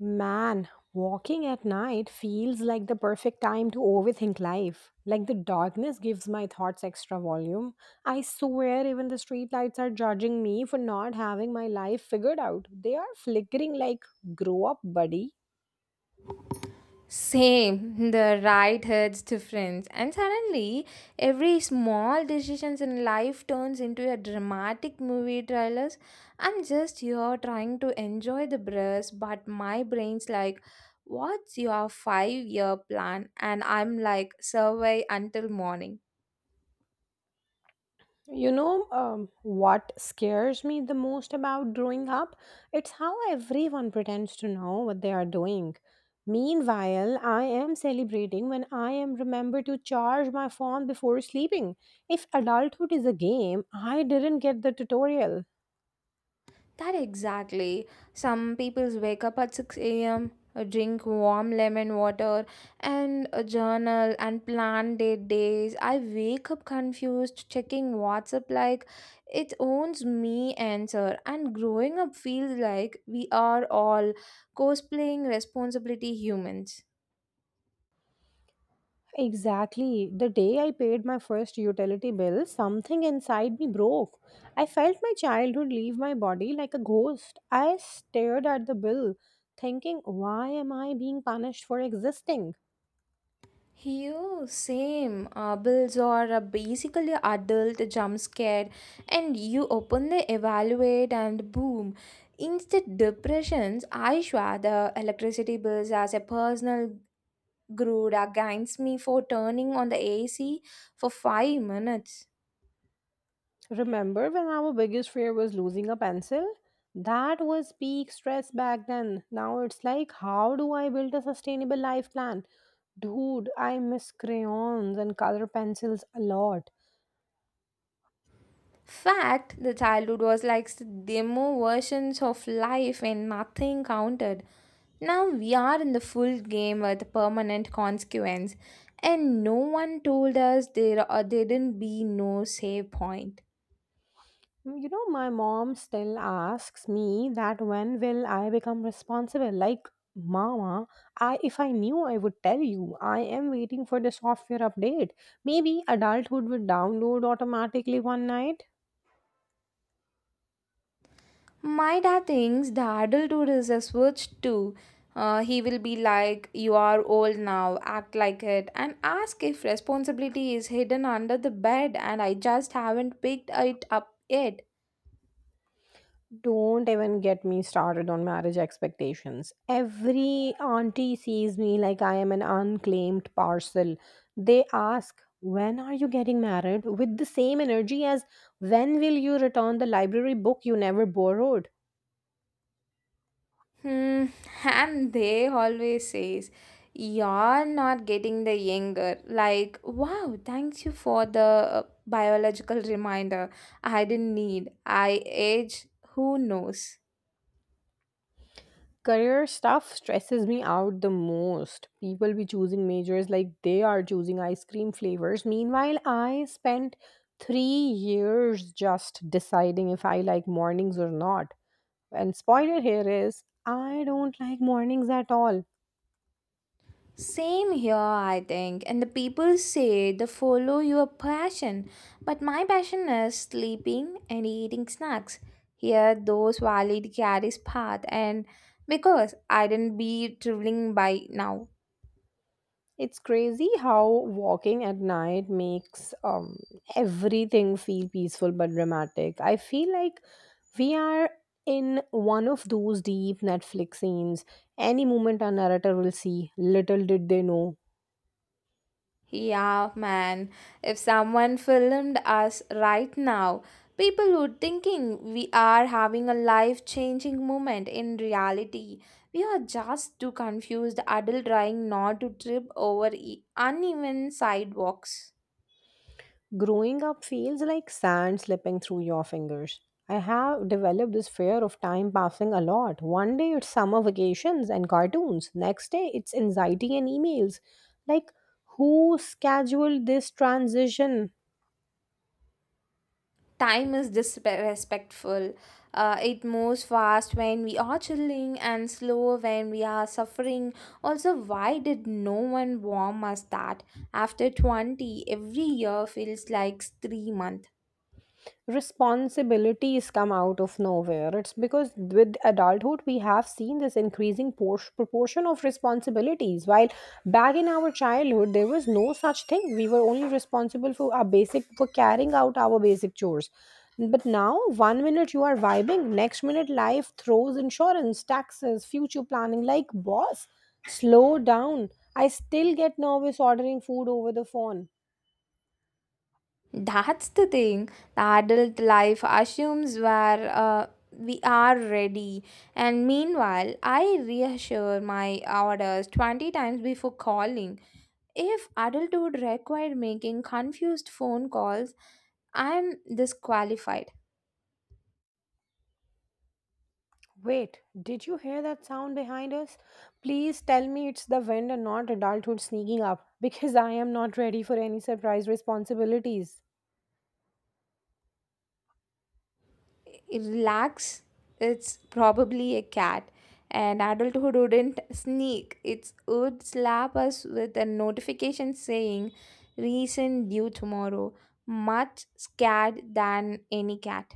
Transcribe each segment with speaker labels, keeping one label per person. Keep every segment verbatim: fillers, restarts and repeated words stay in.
Speaker 1: Man, walking at night feels like the perfect time to overthink life. Like the darkness gives my thoughts extra volume. I swear, even the streetlights are judging me for not having my life figured out. They are flickering like, grow up, buddy.
Speaker 2: Same, the right hurts difference. And suddenly, every small decisions in life turns into a dramatic movie trailers. I'm just here trying to enjoy the breath, but my brain's like, what's your five year plan? And I'm like, survey until morning.
Speaker 1: You know um, what scares me the most about growing up? It's how everyone pretends to know what they are doing. Meanwhile, I am celebrating when I am remembered to charge my phone before sleeping. If adulthood is a game, I didn't get the tutorial.
Speaker 2: That exactly. Some people wake up at six a m, uh, drink warm lemon water, and uh, journal and plan their days. I wake up confused, checking WhatsApp like it owns me answer. And growing up feels like we are all cosplaying responsibility humans.
Speaker 1: Exactly. The day I paid my first utility bill, something inside me broke. I felt my childhood leave my body like a ghost. I stared at the bill, thinking, why am I being punished for existing?
Speaker 2: You same uh, bills are uh, basically adult jump scare, and you open the evaluate and boom, instant depressions. I swear the electricity bills as a personal grood against me for turning on the A C for five minutes.
Speaker 1: Remember when our biggest fear was losing a pencil? That was peak stress back then. Now it's like, how do I build a sustainable life plan? Dude, I miss crayons and color pencils a lot.
Speaker 2: Fact, the childhood was like s- demo versions of life and nothing counted. Now we are in the full game with permanent consequence, and no one told us there uh, didn't be no save point.
Speaker 1: You know, my mom still asks me that when will I become responsible? Like, mama, I if I knew I would tell you. I am waiting for the software update. Maybe adulthood would download automatically one night.
Speaker 2: My dad thinks the adulthood is a switch too. Uh, he will be like, "You are old now, act like it," and ask if responsibility is hidden under the bed, and I just haven't picked it up yet.
Speaker 1: Don't even get me started on marriage expectations. Every auntie sees me like I am an unclaimed parcel. They ask, when are you getting married? With the same energy as when will you return the library book you never borrowed?
Speaker 2: Hmm, and they always says, "You're not getting the younger." Like, wow, thanks you for the uh, biological reminder. I didn't need. I age. Who knows?
Speaker 1: Career stuff stresses me out the most. People be choosing majors like they are choosing ice cream flavors. Meanwhile, I spent three years just deciding if I like mornings or not. And spoiler here is, I don't like mornings at all.
Speaker 2: Same here, I think. And the people say the follow your passion, but my passion is sleeping and eating snacks. Here, those valid carries path, and because I didn't be traveling by now.
Speaker 1: It's crazy how walking at night makes um, everything feel peaceful but dramatic. I feel like we are in one of those deep Netflix scenes. Any moment our narrator will see, little did they know.
Speaker 2: Yeah, man. If someone filmed us right now, people would thinking we are having a life-changing moment. In reality, we are just two confused adults trying not to trip over e- uneven sidewalks.
Speaker 1: Growing up feels like sand slipping through your fingers. I have developed this fear of time passing a lot. One day it's summer vacations and cartoons, next day it's anxiety and emails. Like, who scheduled this transition?
Speaker 2: Time is disrespectful. Uh, it moves fast when we are chilling and slow when we are suffering. Also, why did no one warn us that after twenty, every year feels like three months?
Speaker 1: Responsibilities come out of nowhere. It's because with adulthood, we have seen this increasing por- proportion of responsibilities. While back in our childhood, there was no such thing. We were only responsible for our basic, for carrying out our basic chores. But now, one minute you are vibing, next minute life throws insurance, taxes, future planning like boss, slow down. I still get nervous ordering food over the phone.
Speaker 2: That's the thing. The adult life assumes where uh, we are ready. And meanwhile, I reassure my orders twenty times before calling. If adulthood required making confused phone calls, I'm disqualified.
Speaker 1: Wait, did you hear that sound behind us? Please tell me it's the wind and not adulthood sneaking up because I am not ready for any surprise responsibilities.
Speaker 2: Relax, it's probably a cat. And adulthood wouldn't sneak, it would slap us with a notification saying, "Reason due tomorrow." Much scared than any cat.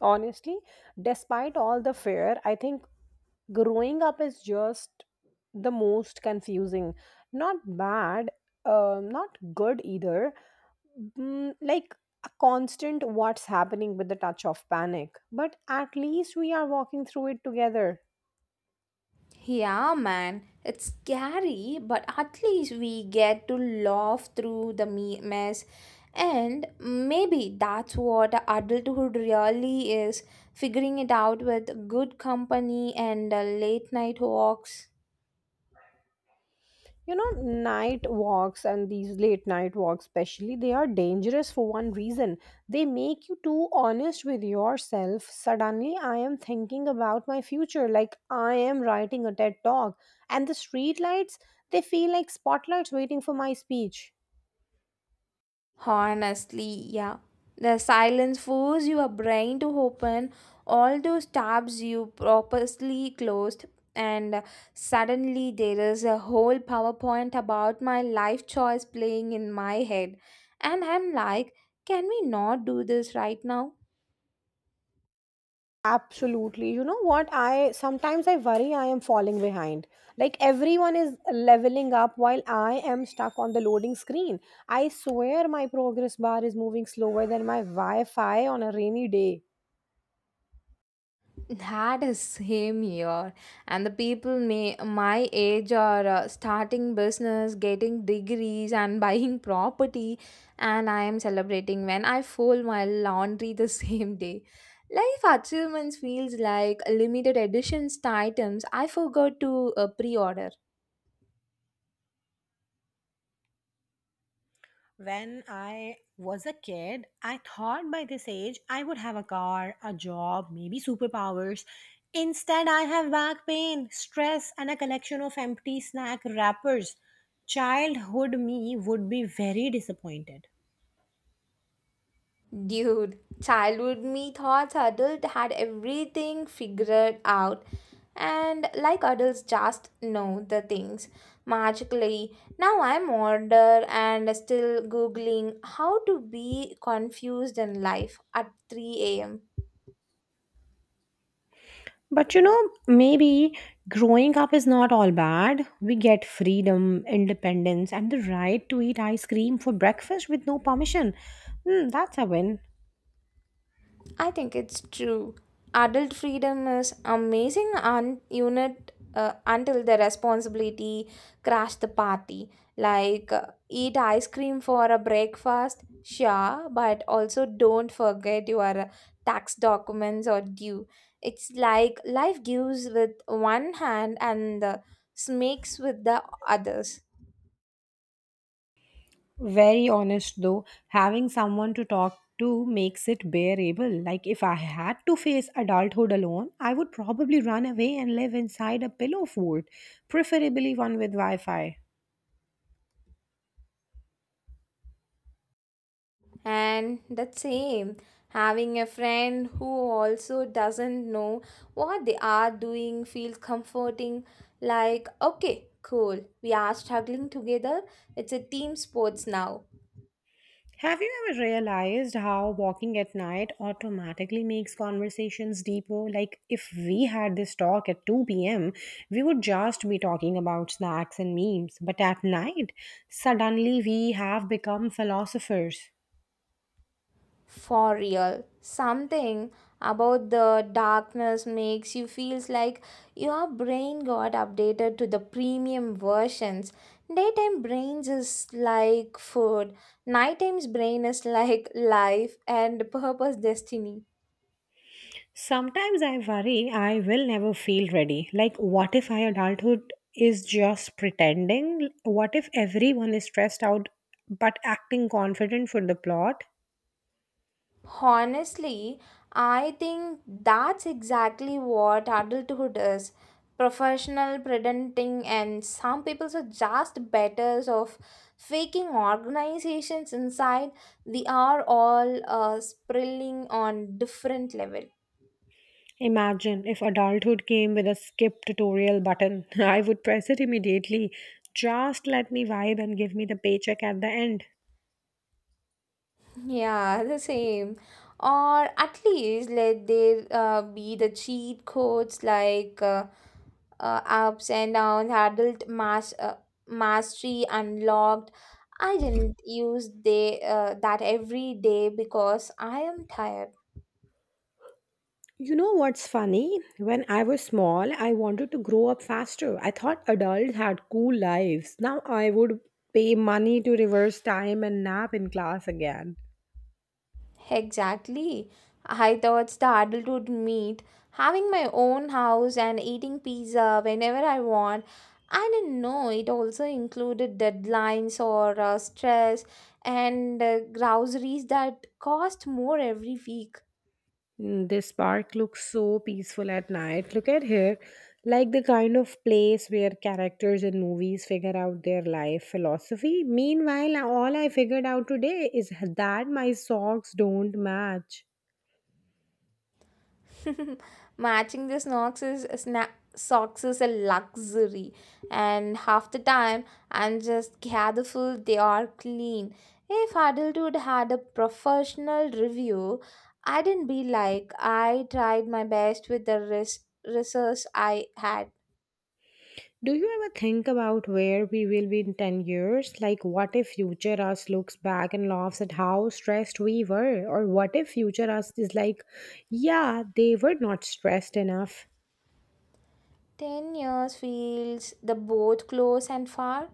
Speaker 1: Honestly, despite all the fear, I think growing up is just the most confusing. Not bad, uh, not good either. Mm, like a constant what's happening with the touch of panic. But at least we are walking through it together.
Speaker 2: Yeah, man, it's scary, but at least we get to laugh through the me- mess. And maybe that's what adulthood really is figuring it out with good company and uh, late night walks.
Speaker 1: You know, night walks and these late night walks especially, they are dangerous for one reason. They make you too honest with yourself. Suddenly I am thinking about my future like I am writing a TED talk, and the streetlights, they feel like spotlights waiting for my speech.
Speaker 2: Honestly, yeah. The silence forces your brain to open all those tabs you purposely closed, and uh, suddenly there is a whole PowerPoint about my life choice playing in my head. And I'm like, can we not do this right now?
Speaker 1: Absolutely. You know what? I sometimes I worry I am falling behind. Like everyone is leveling up while I am stuck on the loading screen. I swear my progress bar is moving slower than my Wi Fi on a rainy day.
Speaker 2: That is same here, and the people may my age are uh, starting business, getting degrees, and buying property, and I am celebrating when I fold my laundry the same day. Life achievements feels like limited editions items I forgot to uh, pre-order.
Speaker 1: When I was a kid, I thought by this age I would have a car, a job, maybe superpowers. Instead, I have back pain, stress, and a collection of empty snack wrappers. Childhood me would be very disappointed.
Speaker 2: Dude, childhood me thoughts adult had everything figured out and like adults just know the things magically. Now I'm older and still googling how to be confused in life at three a m.
Speaker 1: But you know, maybe growing up is not all bad. We get freedom, independence, and the right to eat ice cream for breakfast with no permission. Hmm, that's a win.
Speaker 2: I think it's true. Adult freedom is amazing un- unit uh, until the responsibility crash the party. Like uh, eat ice cream for a breakfast, sure, but also don't forget your uh, tax documents or due. It's like life gives with one hand and uh, snakes with the others.
Speaker 1: Very honest though, having someone to talk to makes it bearable. Like if I had to face adulthood alone, I would probably run away and live inside a pillow fort, preferably one with Wi Fi.
Speaker 2: And the same, having a friend who also doesn't know what they are doing feels comforting. Like, okay, cool, we are struggling together. It's a team sports now.
Speaker 1: Have you ever realized how walking at night automatically makes conversations deeper? Like, if we had this talk at two p m, we would just be talking about snacks and memes. But at night, suddenly we have become philosophers.
Speaker 2: For real, something about the darkness makes you feels like your brain got updated to the premium versions. Daytime brains is like food, nighttime's brain is like life and purpose destiny.
Speaker 1: Sometimes I worry I will never feel ready. Like, what if my adulthood is just pretending? What if everyone is stressed out but acting confident for the plot?
Speaker 2: Honestly, I think that's exactly what adulthood is, professional presenting, and some people are just betters of faking organizations inside. They are all uh, sprilling on different level.
Speaker 1: Imagine if adulthood came with a skip tutorial button. I would press it immediately. Just let me vibe and give me the paycheck at the end.
Speaker 2: Yeah, the same. Or at least let there uh, be the cheat codes like uh, uh, ups and downs, adult mas- uh, mastery unlocked. I didn't use they uh, that every day because I am tired.
Speaker 1: You know what's funny? When I was small, I wanted to grow up faster. I thought adults had cool lives. Now I would pay money to reverse time and nap in class again.
Speaker 2: Exactly. I thought the adult would meet, having my own house and eating pizza whenever I want. I didn't know it also included deadlines or uh, stress and uh, groceries that cost more every week.
Speaker 1: Mm. This park looks so peaceful at night. Look at here, like the kind of place where characters in movies figure out their life philosophy. Meanwhile, all I figured out today is that my socks don't match.
Speaker 2: Matching the socks is sna- Socks is a luxury, and half the time I'm just grateful they are clean. If adulthood had a professional review, I did not be like I tried my best with the res- resource I had.
Speaker 1: Do you ever think about where we will be in ten years? Like, what if future us looks back and laughs at how stressed we were? Or what if future us is like, yeah, they were not stressed enough?
Speaker 2: ten years feels the both close and far.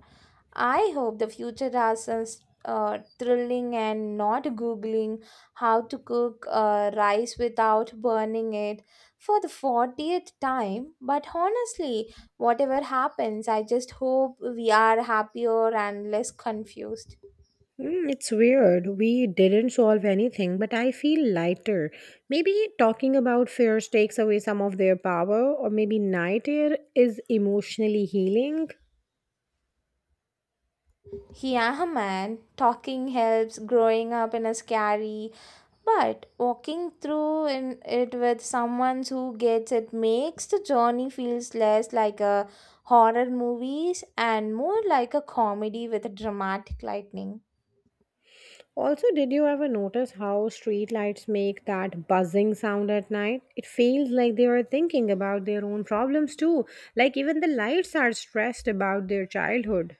Speaker 2: I hope the future has us uh, thrilling and not googling how to cook uh, rice without burning it for the fortieth time. But honestly, whatever happens, I just hope we are happier and less confused.
Speaker 1: Mm, it's weird. We didn't solve anything, but I feel lighter. Maybe talking about fears takes away some of their power, or maybe night air is emotionally healing.
Speaker 2: Yeah, man, talking helps growing up in a scary. But walking through in it with someone who gets it makes the journey feels less like a horror movies and more like a comedy with a dramatic lightning.
Speaker 1: Also, did you ever notice how streetlights make that buzzing sound at night? It feels like they are thinking about their own problems too, like even the lights are stressed about their childhood.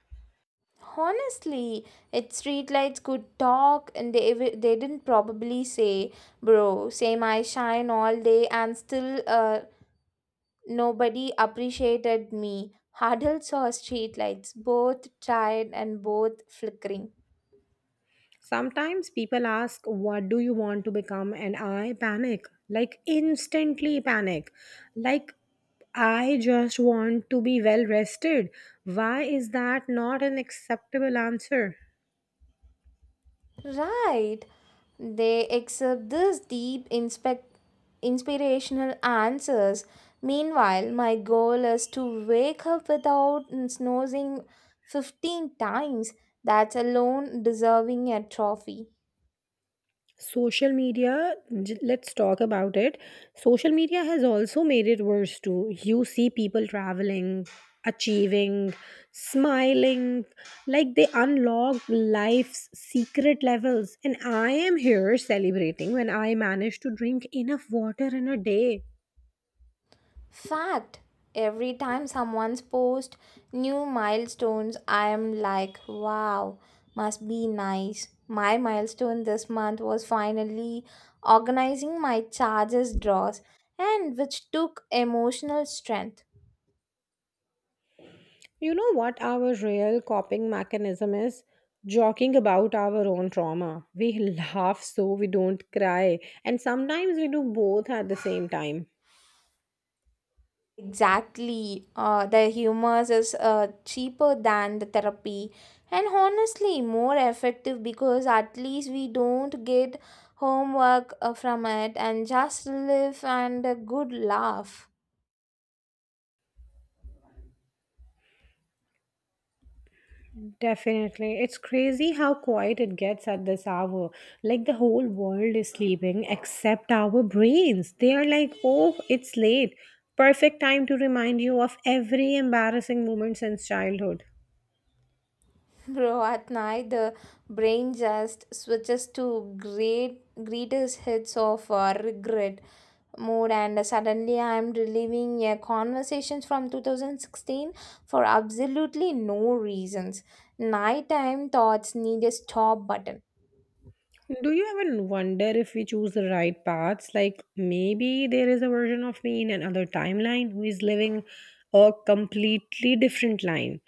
Speaker 2: Honestly, its streetlights could talk and they ev- they didn't probably say, "Bro, same, I shine all day and still uh, nobody appreciated me." Adults saw streetlights, both tired and both flickering.
Speaker 1: Sometimes people ask, what do you want to become? And I panic, like instantly panic. Like, I just want to be well rested. Why is that not an acceptable answer?
Speaker 2: Right. They accept this deep inspect inspirational answers. Meanwhile, my goal is to wake up without snoozing fifteen times. That's alone deserving a trophy.
Speaker 1: Social media, j- let's talk about it. Social media has also made it worse too. You see people traveling, achieving, smiling, like they unlock life's secret levels. And I am here celebrating when I manage to drink enough water in a day.
Speaker 2: Fact. Every time someone's post new milestones, I am like, wow, must be nice. My milestone this month was finally organizing my charges draws and which took emotional strength.
Speaker 1: You know what our real coping mechanism is? Joking about our own trauma. We laugh so we don't cry. And sometimes we do both at the same time.
Speaker 2: Exactly. Uh, the humors is uh, cheaper than the therapy and honestly more effective because at least we don't get homework uh, from it and just live and a good laugh.
Speaker 1: Definitely. It's crazy how quiet it gets at this hour. Like the whole world is sleeping except our brains. They are like, oh, it's late. Perfect time to remind you of every embarrassing moment since childhood.
Speaker 2: Bro, at night the brain just switches to great greatest hits of uh, regret mode, and suddenly I'm reliving uh, conversations from two thousand sixteen for absolutely no reasons. Nighttime thoughts need a stop button.
Speaker 1: Do you ever wonder if we choose the right paths? Like maybe there is a version of me in another timeline who is living a completely different line.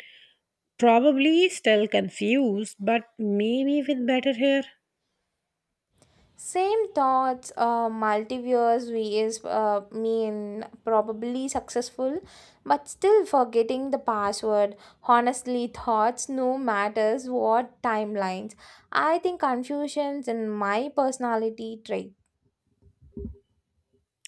Speaker 1: Probably still confused, but maybe with better hair.
Speaker 2: Same thoughts, uh, multiverse we is uh, mean probably successful, but still forgetting the password. Honestly, thoughts no matters what timelines. I think confusions in my personality trait.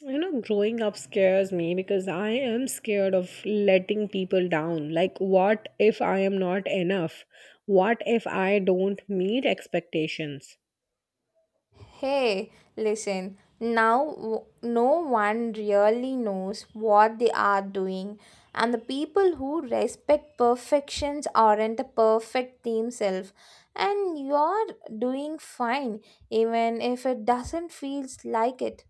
Speaker 1: You know, growing up scares me because I am scared of letting people down. Like, what if I am not enough? What if I don't meet expectations?
Speaker 2: Hey, listen, now w- no one really knows what they are doing, and the people who respect perfections aren't the perfect themselves. And you're doing fine, even if it doesn't feel like it.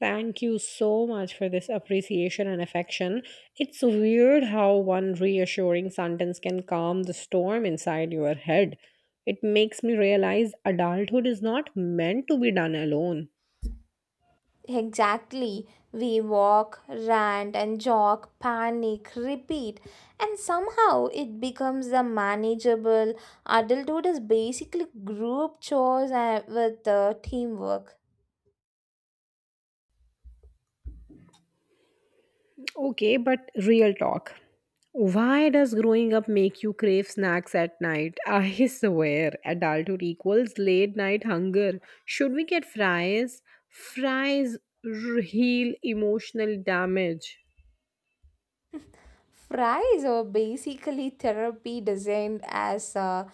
Speaker 1: Thank you so much for this appreciation and affection. It's weird how one reassuring sentence can calm the storm inside your head. It makes me realize adulthood is not meant to be done alone.
Speaker 2: Exactly. We walk, rant, and jog, panic, repeat, and somehow it becomes the manageable. Adulthood is basically group chores and with uh, teamwork.
Speaker 1: Okay, but real talk. Why does growing up make you crave snacks at night? I swear, adulthood equals late night hunger. Should we get fries? Fries r- heal emotional damage.
Speaker 2: Fries are basically therapy designed as uh,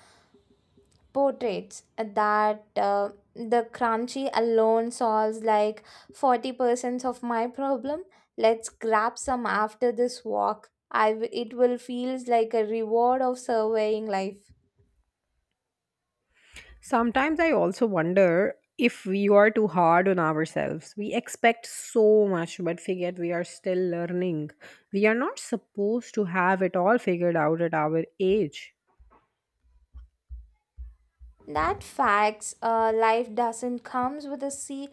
Speaker 2: portraits that uh, the crunchy alone solves like forty percent of my problem. Let's grab some after this walk. I w- it will feels like a reward of surveying life.
Speaker 1: Sometimes I also wonder if we are too hard on ourselves. We expect so much, but forget we are still learning. We are not supposed to have it all figured out at our age.
Speaker 2: That facts, uh, life doesn't comes with a see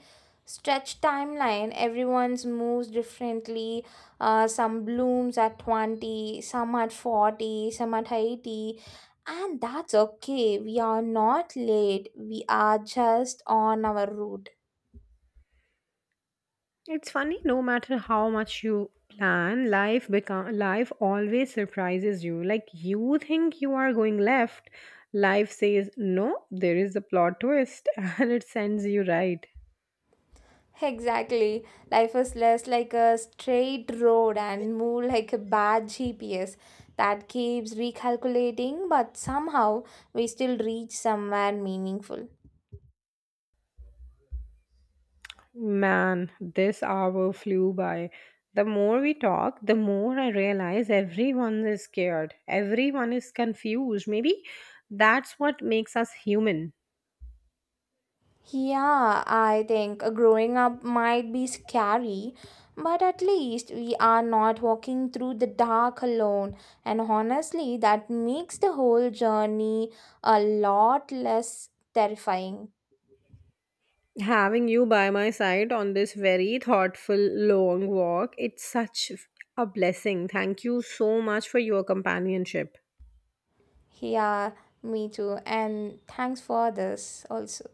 Speaker 2: stretched timeline. Everyone's moves differently. Uh, some blooms at twenty, some at forty, some at eighty. And that's okay. We are not late. We are just on our route.
Speaker 1: It's funny, no matter how much you plan, life become life always surprises you. Like you think you are going left, life says no, there is a plot twist and it sends you right.
Speaker 2: Exactly. Life is less like a straight road and more like a bad G P S that keeps recalculating, but somehow we still reach somewhere meaningful.
Speaker 1: Man, this hour flew by. The more we talk, the more I realize everyone is scared. Everyone is confused. Maybe that's what makes us human.
Speaker 2: Yeah, I think growing up might be scary, but at least we are not walking through the dark alone. And honestly, that makes the whole journey a lot less terrifying.
Speaker 1: Having you by my side on this very thoughtful long walk, it's such a blessing. Thank you so much for your companionship.
Speaker 2: Yeah, me too. And thanks for this also.